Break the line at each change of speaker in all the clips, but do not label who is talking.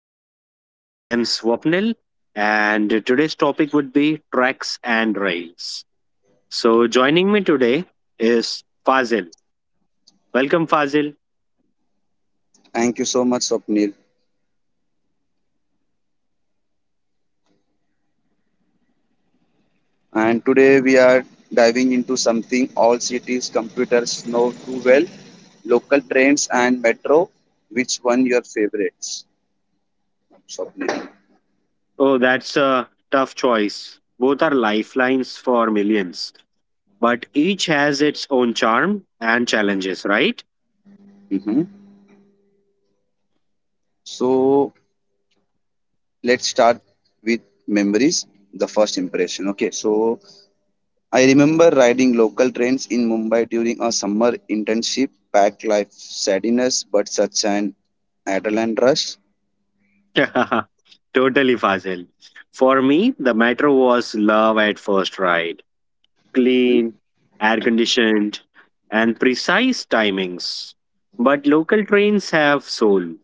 podcast. I am Swapnil and today's topic would be tracks and rails. So joining me today is Fazil. Welcome Fazil.
Thank you so much, Swapnil. And today we are diving into something all cities computers know too well: local trains and metro. Which one your favorites, Swapnil?
Oh, that's a tough choice. Both are lifelines for millions, but each has its own charm and challenges, right?
Hmm. So let's start with memories, the first impression. Okay, so I remember riding local trains in Mumbai during a summer internship, packed life sadness, but such an adrenaline rush.
Totally Fazil. For me, the matter was love at first ride. Clean, air conditioned, and precise timings. But local trains have soul,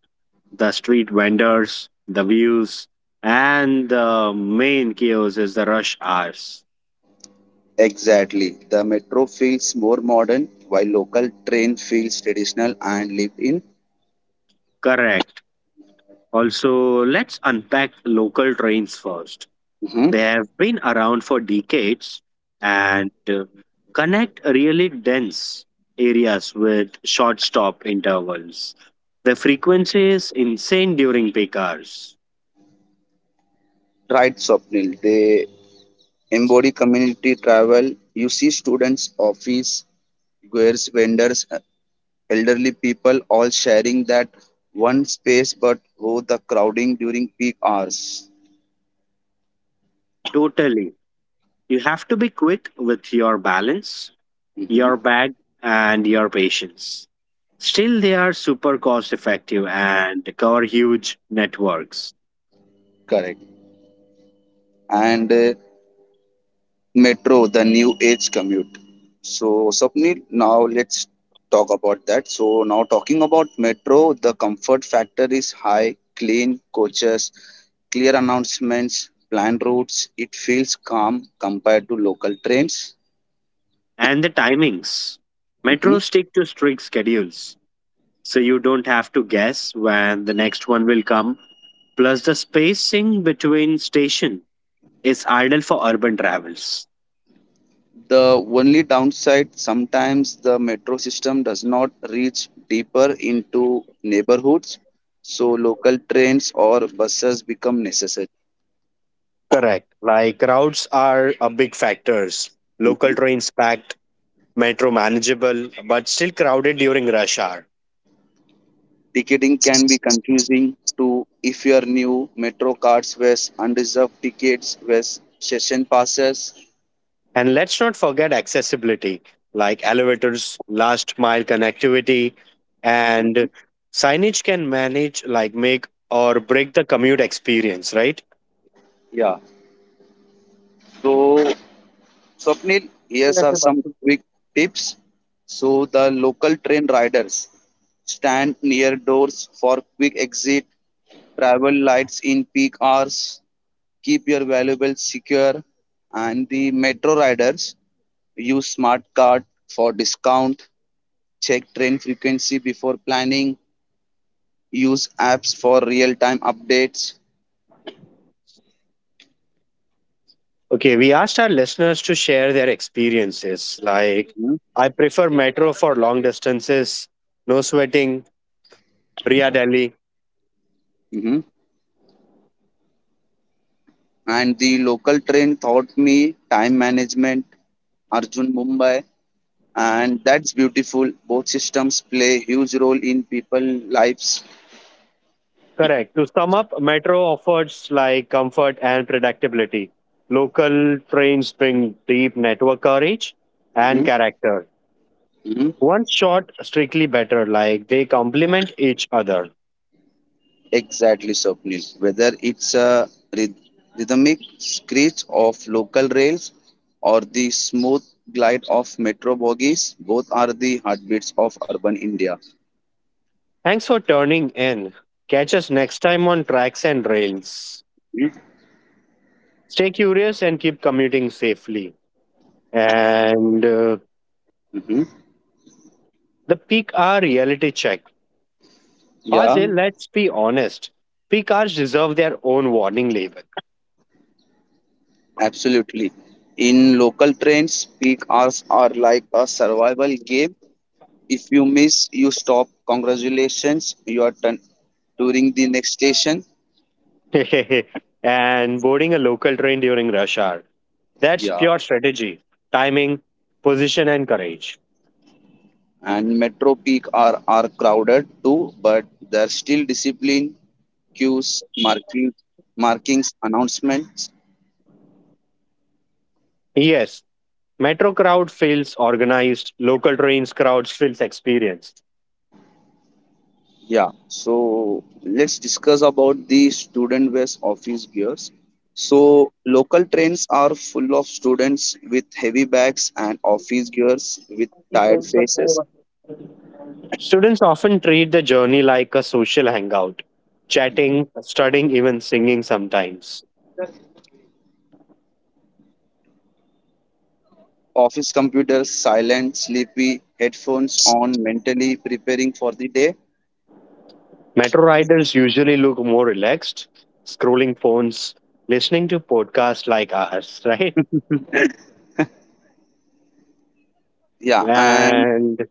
the street vendors, the views, and the main chaos is the rush hours.
Exactly. The metro feels more modern, while local train feels traditional and lived in.
Correct. Also, let's unpack local trains first.
Mhm.
They have been around for decades and connect really dense areas with short stop intervals. The frequency is insane during peak hours.
Right, Swapnil. They embody community travel. You see students, office, goods, vendors, elderly people all sharing that one space, but oh, the crowding during peak hours.
Totally. You have to be quick with your balance,
Mhm.
your bag, and your patience. Still, they are super cost effective and cover huge networks.
Correct. And Metro, the new age commute. So, Sapnil, now let's talk about that. So, now talking about Metro, the comfort factor is high, clean coaches, clear announcements, planned routes. It feels calm compared to local trains.
And the timings.
Mhm.
Metro stick to strict schedules, so you don't have to guess when the next one will come. Plus, the spacing between station is ideal for urban travels.
The only downside sometimes the metro system does not reach deeper into neighborhoods, so local trains or buses become necessary.
Correct. Like crowds are a big factors. Local
Mm-hmm.
trains packed, metro manageable but still crowded during rush hour.
Ticketing can be confusing to if you are new, metro cards versus unreserved tickets versus session passes.
And let's not forget accessibility like elevators, last mile connectivity, and signage can manage like make or break the commute experience, right?
Yeah. So Swapnil, here's are some quick tips. So the local train riders stand near doors for quick exit, travel lights in peak hours, keep your valuables secure, and the metro riders use smart card for discount, check train frequency before planning, use apps for real time updates.
Okay, we asked our listeners to share their experiences. Like, I prefer metro for long distances, no sweating, Priya Delhi.
Mm-hmm. And the local train taught me time management, Arjun Mumbai, and that's beautiful. Both systems play huge role in people lives.
Correct. To sum up, metro offers like comfort and predictability. Local trains bring deep network coverage and
Hmm.
character.
Hmm.
One shot strictly better, like they complement each other.
Exactly, Swapnil. Whether it's a ryth- rhythmic screech of local rails or the smooth glide of metro bogies, both are the heartbeats of urban India.
Thanks for turning in. Catch us next time on Tracks and Rails. Stay curious and keep commuting safely. And
Mm-hmm.
The peak hour reality check.
Yeah.
Fazil, let's be honest. Peak hours deserve their own warning label.
Absolutely. In local trains, peak hours are like a survival game. If you miss, you stop. Congratulations, you are touring the next station.
And boarding a local train during rush hour. That's
Yeah.
pure strategy, timing, position, and courage.
And metro peak are crowded too, but there's still discipline, queues, markings, announcements.
Yes, metro crowd feels organized, local trains crowds feels experienced.
Yeah, so let's discuss about the student based office gears. So, local trains are full of students with heavy bags and office gears with tired faces.
Students often treat the journey like a social hangout, chatting, studying, even singing sometimes.
Office computers silent, sleepy, headphones on, mentally preparing for the day.
Metro riders usually look more relaxed, scrolling phones, listening to podcasts like ours, right?
Yeah, and
And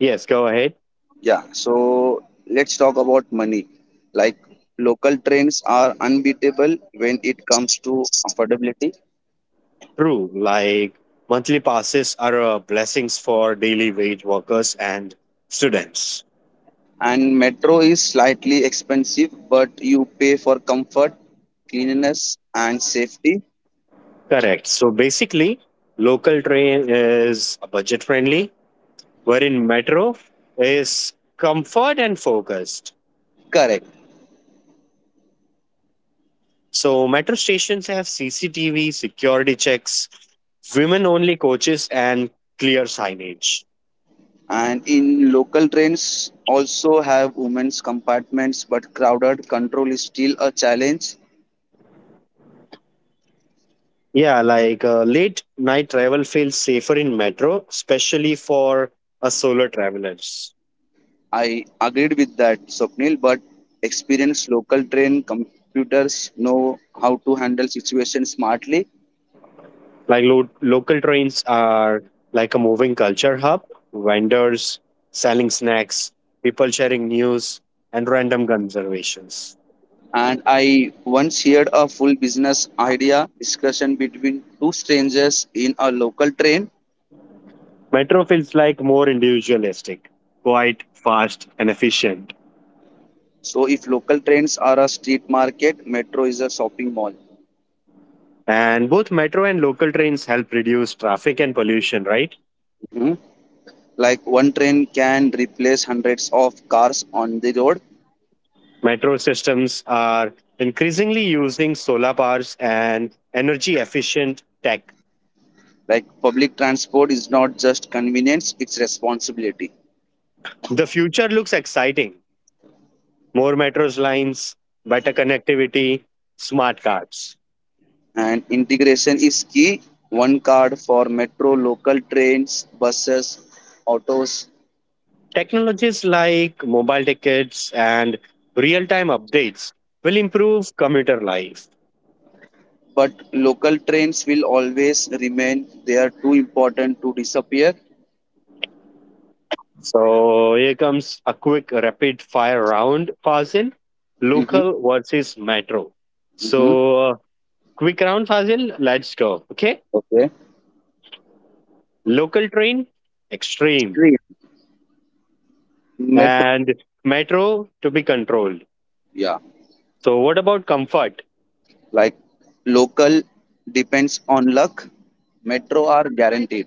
yes, go ahead.
yeah, so let's talk about money. Like, local trains are unbeatable when it comes to affordability.
True, like monthly passes are blessings for daily wage workers and students.
And metro is slightly expensive, but you pay for comfort, cleanliness, and safety.
Correct. So basically, local train is budget friendly, wherein metro is comfort and focused.
Correct.
So metro stations have CCTV, security checks, women only coaches, and clear signage.
And in local trains also have women's compartments, but crowded control is still a challenge.
Yeah, like late night travel feels safer in metro, especially for a solo travelers.
I agreed with that, Swapnil, but experienced local train computers know how to handle situations smartly.
Like local trains are like a moving culture hub, vendors selling snacks, people sharing news, and random conservations.
And I once heard a full business idea discussion between two strangers in a local train.
Metro feels like more individualistic, quite fast and efficient.
So if local trains are a street market, metro is a shopping mall.
And both metro and local trains help reduce traffic and pollution, right?
Mhm. Like one train can replace hundreds of cars on the road.
Metro systems are increasingly using solar powers and energy efficient tech.
Like public transport is not just convenience, it's responsibility.
The future looks exciting, more metros lines, better connectivity, smart cards.
And integration is key. One card for metro, local trains, buses, autos.
Technologies like mobile tickets and real time updates will improve commuter life.
But local trains will always remain. They are too important to disappear.
So here comes a quick rapid fire round, Fazil.
Mm-hmm.
Local versus metro.
Mm-hmm.
So uh, Quick round, Fazil. Let's go. Okay.
Okay.
Local train, extreme,
Stream. Metro.
and metro to be controlled.
Yeah.
So what about comfort?
Like local depends on luck, metro are guaranteed.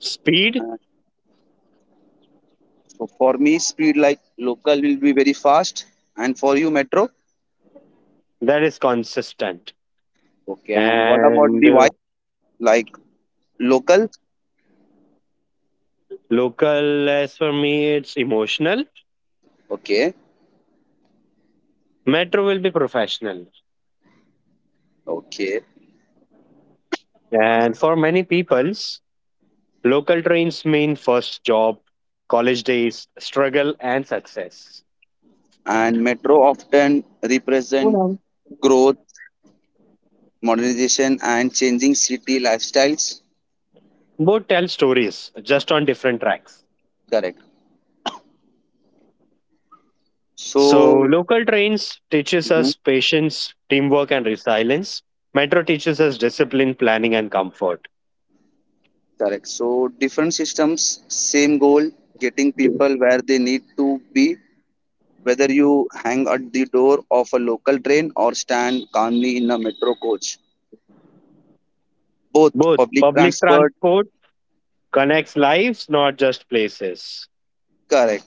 Speed
Uh, so for me, speed like local will be very fast, and for you, metro.
that is consistent.
Okay, and what about
And
the vibe? Like local?
Local, as for me, it's emotional.
Okay,
Metro will be professional.
okay.
And for many peoples, local trains mean first job, college days, struggle, and success.
And metro often
You
represent
know,
growth, modernization, and changing city lifestyles.
both tell stories, just on different tracks.
Correct.
So
So,
local trains teaches
mhm,
us patience, teamwork, and resilience. Metro teaches us discipline, planning, and comfort.
correct. So, different systems, same goal, getting people where they need to be whether you hang at the door of a local train or stand calmly in a metro coach. Both
Both
public
public
transport,
transport connects lives, not just places.
correct.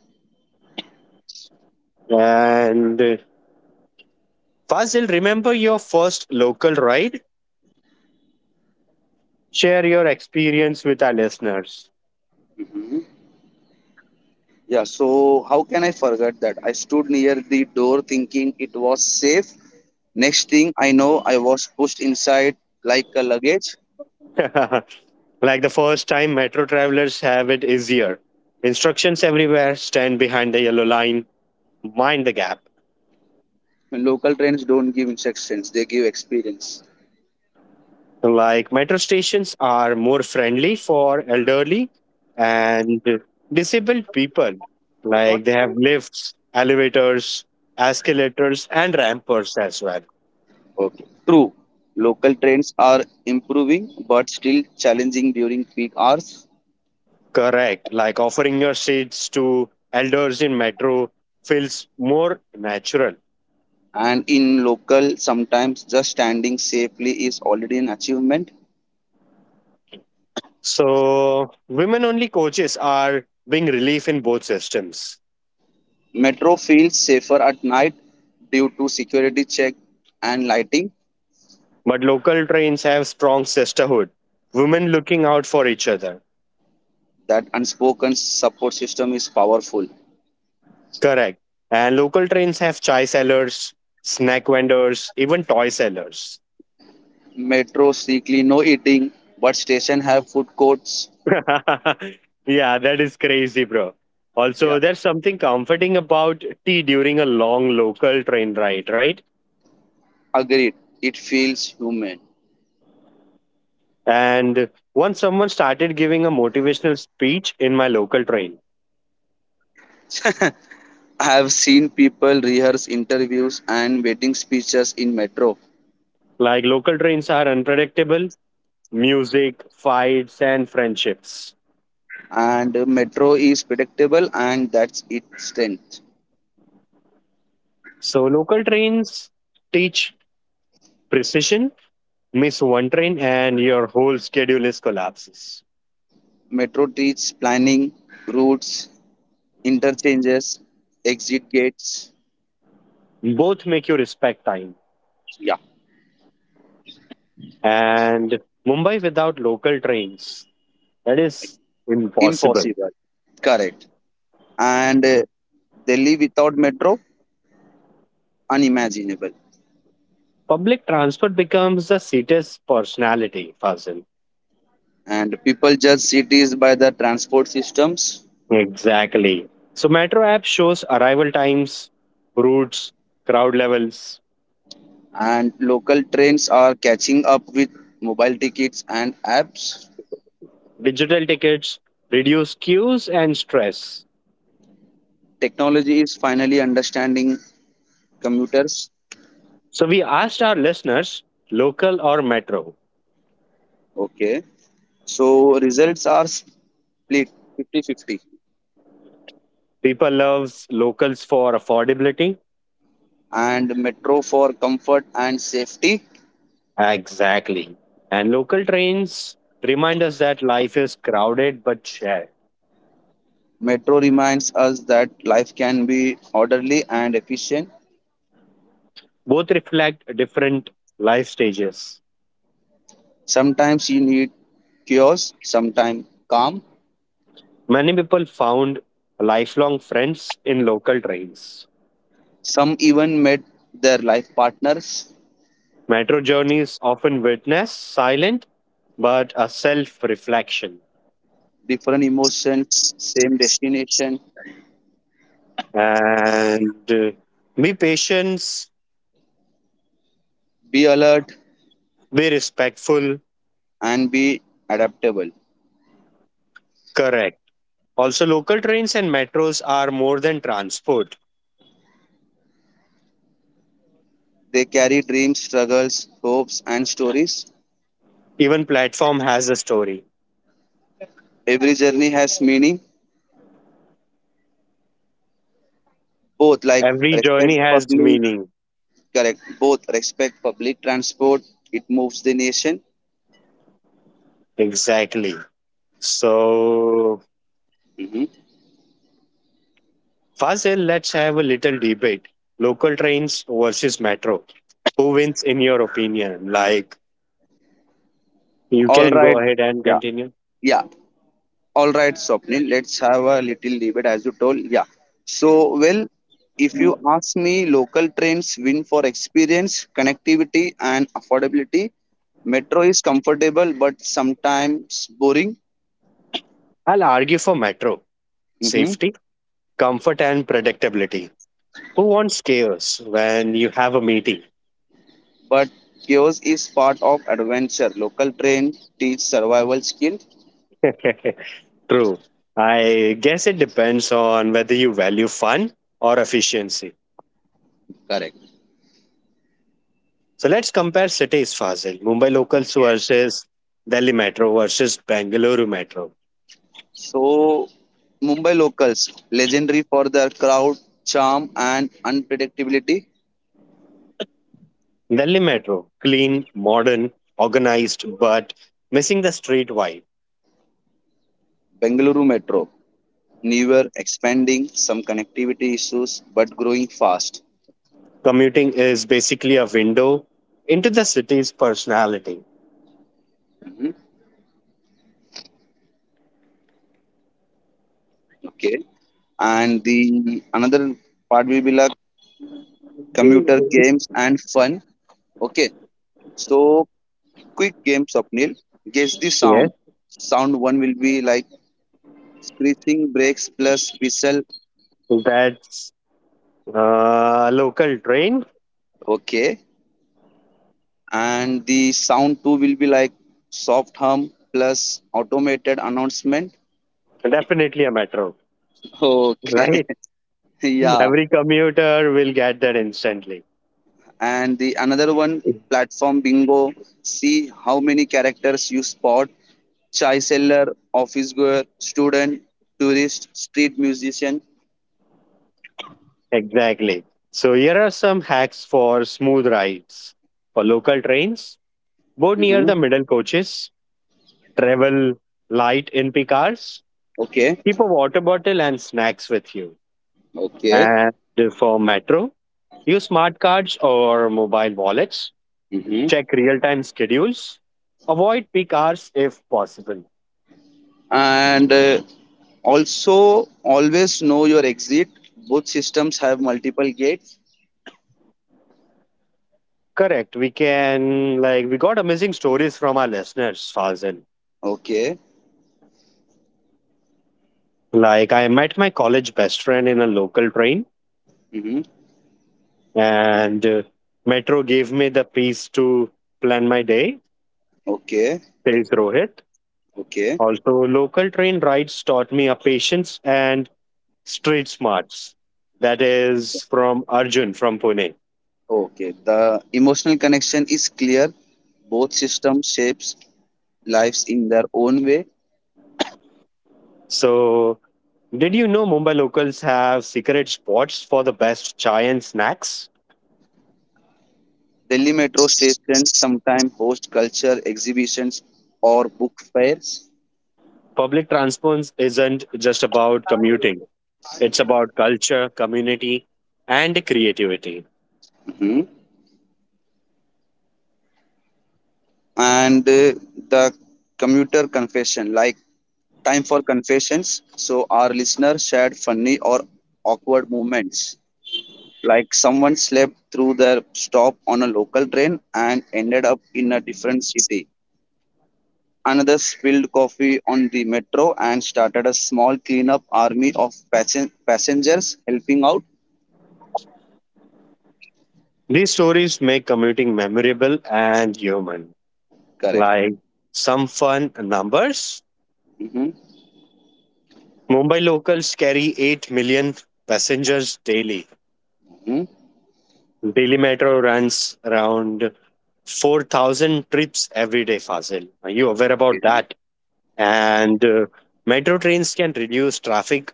And Fazil, remember your first local ride? Share your experience with our listeners.
Yeah, so how can I forget that? I stood near the door thinking it was safe. Next thing I know, I was pushed inside like a luggage.
Like the first time metro travelers have it easier. Instructions everywhere, stand behind the yellow line, mind the gap.
Local trains don't give instructions, they give experience.
Like metro stations are more friendly for elderly and disabled people. Like they have lifts, elevators, escalators, and ramps as well.
Okay. True, local trains are improving but still challenging during peak hours.
Correct. Like offering your seats to elders in metro feels more natural.
And in local sometimes just standing safely is already an achievement.
So, women only coaches are being relief in both systems.
Metro feels safer at night due to security check and lighting.
But local trains have strong sisterhood, women looking out for each other.
That unspoken support system is powerful.
Correct. And local trains have chai sellers, snack vendors, even toy sellers.
Metro strictly no eating, but station have food courts.
Yeah, that is crazy, bro.
Yeah,
Also, there's something comforting about tea during a long local train ride, right?
agreed, it feels human.
And once someone started giving a motivational speech in my local train.
I have seen people rehearse interviews and wedding speeches in metro.
Like local trains are unpredictable, music, fights, and friendships.
And metro is predictable, and that's its strength.
So local trains teach precision. Miss one train and your whole schedule is collapses.
Metro treats planning, routes, interchanges, exit gates.
Both make you respect time.
Yeah,
And Mumbai without local trains, that is impossible.
impossible. Correct. And Delhi without metro, unimaginable.
Public transport becomes the city's personality, Fazil.
And people judge cities by the transport systems,
Exactly. So Metro app shows arrival times, routes, crowd levels,
and local trains are catching up with mobile tickets and apps.
digital tickets, reduce queues and stress.
Technology is finally understanding commuters.
So we asked our listeners, local or metro.
Okay. So results are split fifty-fifty.
People loves locals for affordability.
And metro for comfort and safety.
Exactly. And local trains remind us that life is crowded but shared.
Metro reminds us that life can be orderly and efficient.
Both reflect different life stages.
Sometimes you need chaos, sometimes calm.
Many people found lifelong friends in local trains.
Some even met their life partners,
Metro journeys often witness silent but a self reflection.
different emotions, same destination.
And Be patient,
Be alert
be respectful,
and be adaptable.
correct. Also, local trains and metros are more than transport.
They carry dreams, struggles, hopes, and stories.
Even platform has a story.
Every journey has meaning, both like
Every
respect
journey has
public.
meaning.
Correct. Both respect public transport. It moves the nation.
Exactly. So,
Hmm.
Fazil, let's have a little debate. Local trains versus metro. Who wins in your opinion? Like, you
All
can
right.
go ahead and
Yeah.
continue.
Yeah. All right, Swapnil. Let's have a little debate as you told. Yeah. So, well, if you ask me, local trains win for experience, connectivity, and affordability. Metro is comfortable but sometimes boring.
I'll argue for Metro
Hmm.
safety, comfort, and predictability. Who wants chaos when you have a meeting?
But chaos is part of adventure. Local train teach survival skill.
True. I guess it depends on whether you value fun or efficiency.
Correct.
So let's compare cities, Fazil. Mumbai locals
Okay.
versus Delhi Metro versus Bengaluru Metro.
So, Mumbai locals, legendary for their crowd, charm, and unpredictability.
Delhi Metro, clean, modern, organized, but missing the street vibe.
Bengaluru Metro, newer, expanding, some connectivity issues, but growing fast.
Commuting is basically a window into the city's personality.
Mhm. Okay. And the another part will be like computer games and fun. Okay. So, quick games, Swapnil. Guess the sound. Sound one will be like screeching, brakes, plus whistle.
That's local train.
Okay. And the sound too will be like soft hum plus automated announcement.
Definitely a metro,
Okay.
right?
yeah.
Every commuter will get that instantly.
And the another one, platform bingo. See how many characters you spot. Chai seller, office goer, student, tourist, street musician.
Exactly. So here are some hacks for smooth rides. For local trains, board near
Hmm.
the middle coaches, travel light in cars,
Okay.
keep a water bottle and snacks with you.
Okay.
And for metro, use smart cards or mobile wallets,
Hmm.
check real-time schedules, avoid peak hours if possible.
and also always know your exit. Both systems have multiple gates.
Correct. We can like we got amazing stories from our listeners, Fazil.
Okay.
Like I met my college best friend in a local train,
Hmm.
and metro gave me the piece to plan my day.
Okay.
Says Rohit.
Okay.
Also, local train rides taught me a patience and street smarts. That is from Arjun from Pune.
Okay, the emotional connection is clear. Both system shapes lives in their own way.
So, did you know Mumbai locals have secret spots for the best chai and snacks?
Delhi metro station sometimes host culture exhibitions or book fairs.
Public transport isn't just about commuting. It's about culture, community, and creativity.
Mhm. And the commuter confession, like time for confessions. So our listener shared funny or awkward moments. Like someone slept through their stop on a local train and ended up in a different city. Another spilled coffee on the metro and started a small cleanup army of passengers helping out.
These stories make commuting memorable and human.
Correct.
Like some fun numbers.
Mm-hmm.
Mumbai locals carry 8 million passengers daily.
Hmm.
Delhi Metro runs around 4,000 trips every day, Fazil. Are you aware about
Yes.
that? And Metro trains can reduce traffic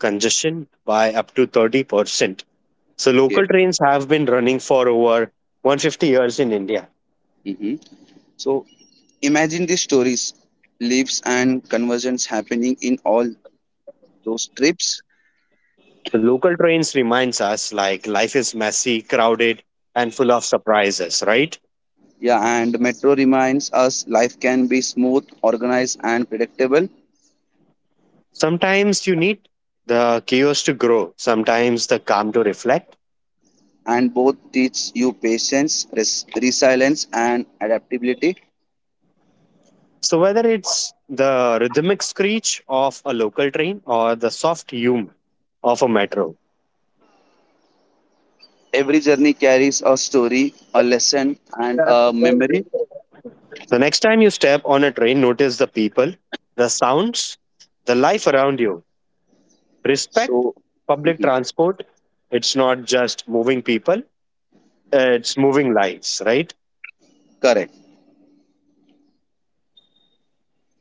congestion by up to 30%. So local
Yes.
trains have been running for over 150 years in India.
Hmm. So imagine the stories, lives, and conversions happening in all those trips.
The local trains reminds us like life is messy, crowded, and full of surprises, right?
Yeah, and metro reminds us life can be smooth, organized, and predictable,
Sometimes you need the chaos to grow, sometimes the calm to reflect.
and both teach you patience, resilience, and adaptability.
So whether it's the rhythmic screech of a local train or the soft hum of a metro,
Every journey carries a story, a lesson, and a memory.
the next time you step on a train, notice the people, the sounds, the life around you. Respect
So,
public
mhm,
transport. It's not just moving people, it's moving lives, right?
correct.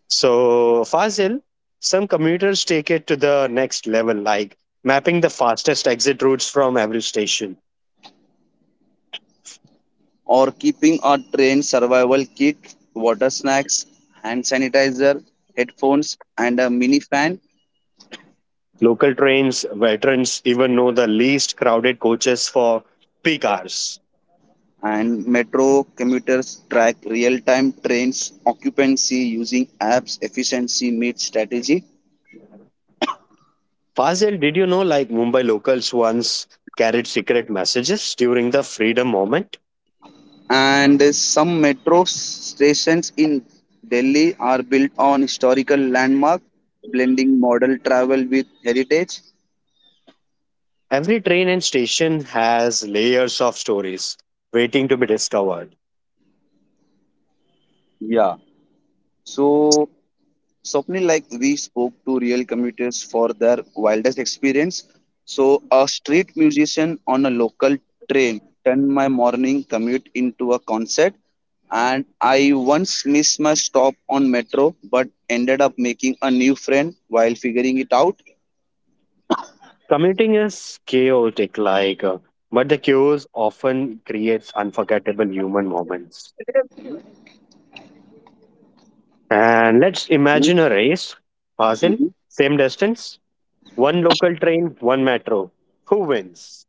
So, Fazil, some commuters take it to the next level, like mapping the fastest exit routes from every station.
Or keeping a train survival kit, water snacks, hand sanitizer, headphones, and a mini fan.
Local trains, veterans even know the least crowded coaches for peak hours.
And metro commuters track real time trains occupancy using apps, efficiency meets strategy.
Fazil, did you know like Mumbai locals once carried secret messages during the freedom moment?
And some metro stations in Delhi are built on historical landmarks blending modern travel with heritage.
Every train and station has layers of stories waiting to be discovered.
Yeah. So, Swapnil, like we spoke to real commuters for their wildest experience. So, a street musician on a local train turned my morning commute into a concert. And I once missed my stop on metro, but ended up making a new friend while figuring it out.
Commuting is chaotic, like, but the chaos often creates unforgettable human moments. And let's
Mhm.
imagine a race, Basil,
Mhm.
same distance, one local train, one metro. Who wins?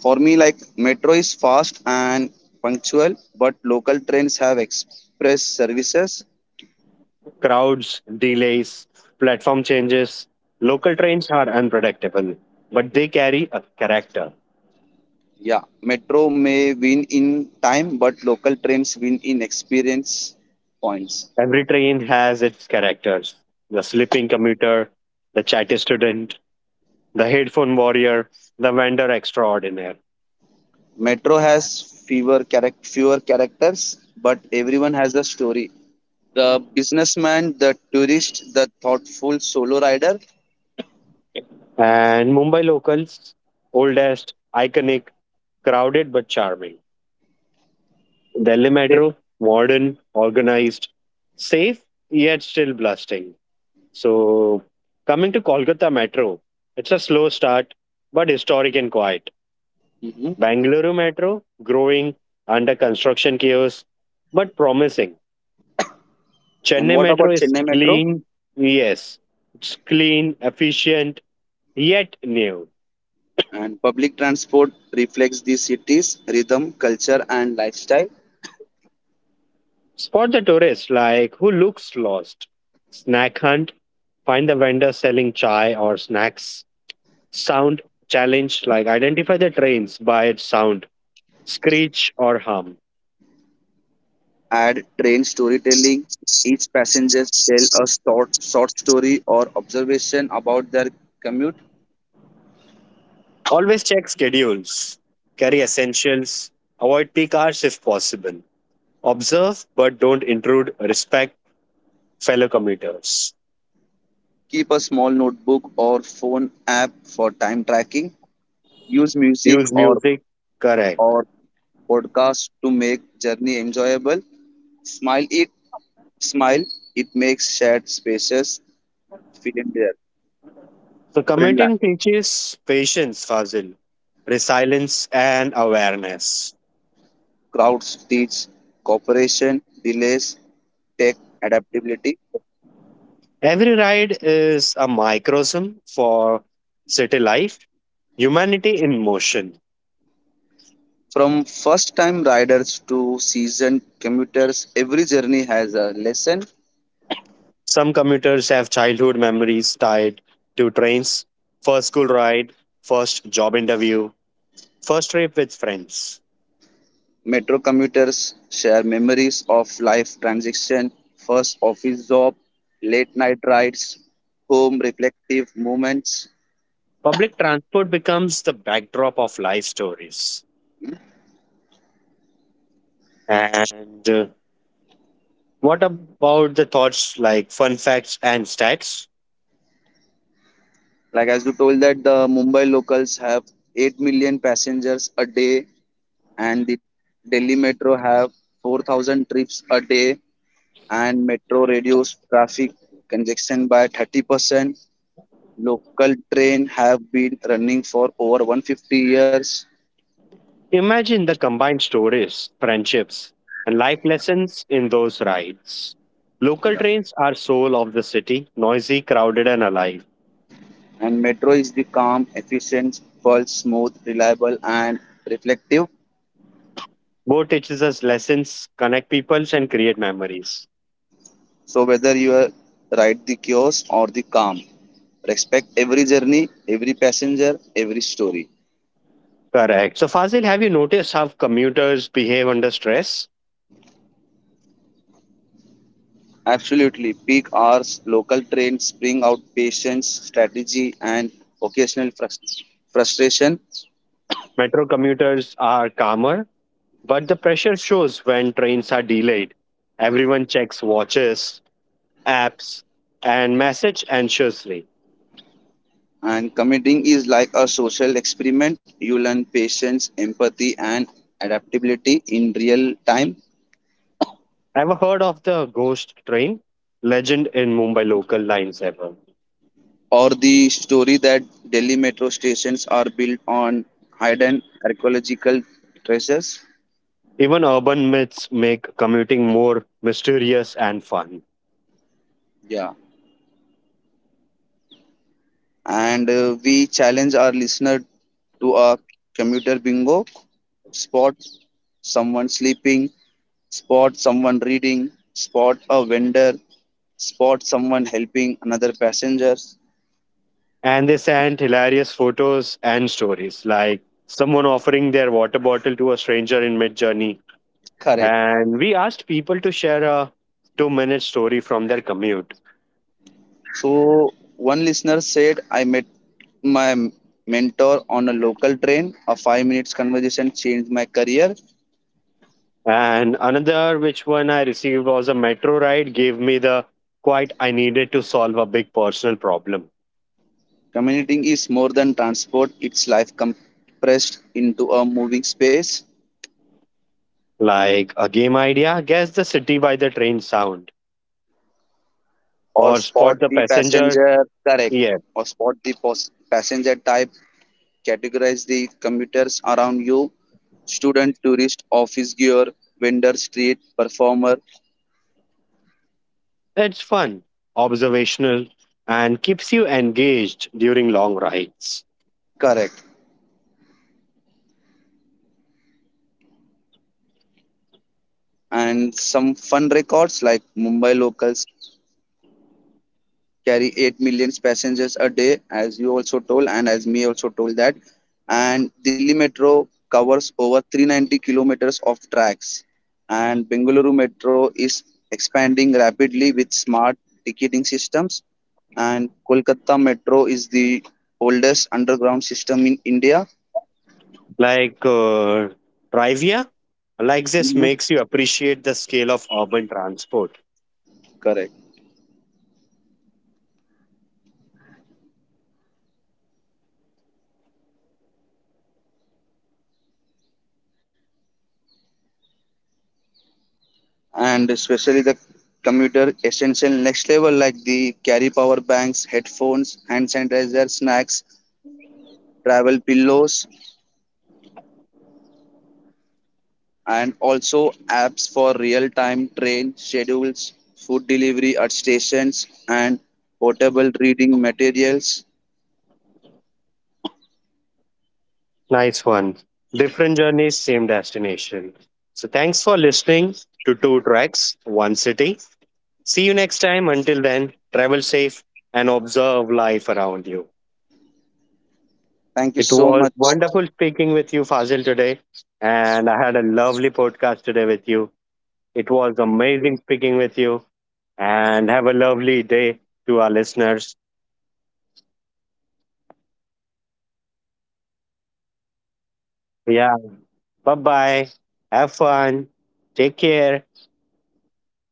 For me, like metro is fast and punctual, but local trains have express services.
Crowds, delays, platform changes. Local trains are unpredictable, but they carry a character.
Yeah, metro may win in time, but local trains win in experience points.
Every train has its characters, the sleeping commuter, the chatty student, the headphone warrior, the vendor extraordinaire.
Metro has fewer characters, but everyone has a story. The businessman, the tourist, the thoughtful solo rider.
And Mumbai locals, oldest, iconic, crowded but charming. Delhi
They-
Metro, modern, organized, safe, yet still blasting. So, coming to Kolkata Metro, it's a slow start, but historic and quiet.
Mhm.
Bangalore Metro, growing, under construction chaos, but promising.
And
Chennai
what
Metro
about
is
Chennai Metro?
clean, yes. It's clean, efficient, yet new.
And public transport reflects the city's rhythm, culture, and lifestyle.
Spot the tourist like who looks lost. Snack hunt, find the vendor selling chai or snacks. Sound challenge like identify the trains by its sound, screech or hum.
Add train storytelling. Each passenger tell a short story or observation about their commute.
Always check schedules. Carry essentials. Avoid peak hours if possible. Observe but don't intrude. Respect fellow commuters.
Keep a small notebook or phone app for time tracking. Use music
Use
or
music. Correct.
or podcast to make journey enjoyable. Smile it, smile. It makes shared spaces feel in their
So,
friendly.
committing teaches patience, Fazil, resilience, and awareness.
Crowds teach cooperation, delays, tech adaptability.
Every ride is a microcosm for city life, humanity in motion.
From first time riders to seasoned commuters, every journey has a lesson.
Some commuters have childhood memories tied to trains, first school ride, first job interview, first trip with friends.
Metro commuters share memories of life transition, first office job, late night rides, home reflective moments.
Public transport becomes the backdrop of life stories. And What about the thoughts like fun facts and stats?
Like as you told that the Mumbai locals have 8 million passengers a day, and the Delhi metro have 4,000 trips a day, and metro reduce traffic congestion by 30%. Local train have been running for over 150 years.
Imagine the combined stories, friendships, and life lessons in those rides. Local trains are soul of the city, noisy, crowded, and alive.
And metro is the calm, efficient, pulse, smooth, reliable and reflective.
Both teaches us lessons, connect peoples, and create memories.
So whether you are ride the chaos or the calm, respect every journey, every passenger, every story.
Correct. So Fazil, have you noticed how commuters behave under stress?
Absolutely. Peak hours, local trains bring out patience, strategy and occasional frustration.
Metro commuters are calmer, but the pressure shows when trains are delayed. Everyone checks watches, apps, and message anxiously.
And committing is like a social experiment. You learn patience, empathy, and adaptability in real time.
Ever heard of the ghost train? Legend in Mumbai local lines ever.
Or the story that Delhi metro stations are built on hidden archaeological treasures.
Even urban myths make commuting more mysterious and fun.
Yeah. And we challenge our listener to a commuter bingo. Spot someone sleeping, spot someone reading, spot a vendor, spot someone helping another passenger.
And they send hilarious photos and stories, like someone offering their water bottle to a stranger in mid journey.
Correct.
And we asked people to share a 2-minute story from their commute.
So one listener said, I met my mentor on a local train. A 5 minutes conversation changed my career.
And another, which one I received was a metro ride, gave me the quite I needed to solve a big personal problem,
Commuting is more than transport, it's life compressed into a moving space.
like a game idea, guess the city by the train sound
Or
or
spot
spot the
the
passenger,
passenger, correct.
yeah,
Or spot the passenger type, categorize the commuters around you. Student, tourist, office gear, vendor, street, performer,
it's fun observational and keeps you engaged during long rides.
correct. And some fun records like Mumbai locals carry 8 million passengers a day as you also told and as me also told that, and Delhi Metro covers over 390 kilometers of tracks, and Bengaluru Metro is expanding rapidly with smart ticketing systems, and Kolkata Metro is the oldest underground system in India.
Like trivia like this
Mhm.
makes you appreciate the scale of urban transport.
Correct, and especially the commuter essential next level, like the carry power banks, headphones, hand sanitizer, snacks, travel pillows, and also apps for real time train schedules, food delivery at stations, and portable reading materials.
Nice one. Different journeys same destination. So thanks for listening to Two Tracks One City. See you next time, until then travel safe and observe life around you.
Thank you
It
so
was
much.
wonderful speaking with you, Fazil, today. And I had a lovely podcast today with you. It
Same here.
was amazing speaking with you. And have a lovely day to our listeners.
Thank you so much, Swapnil, for inviting me in your podcast. Bye.
Yeah. Bye bye. Have fun. Take care.
Bye.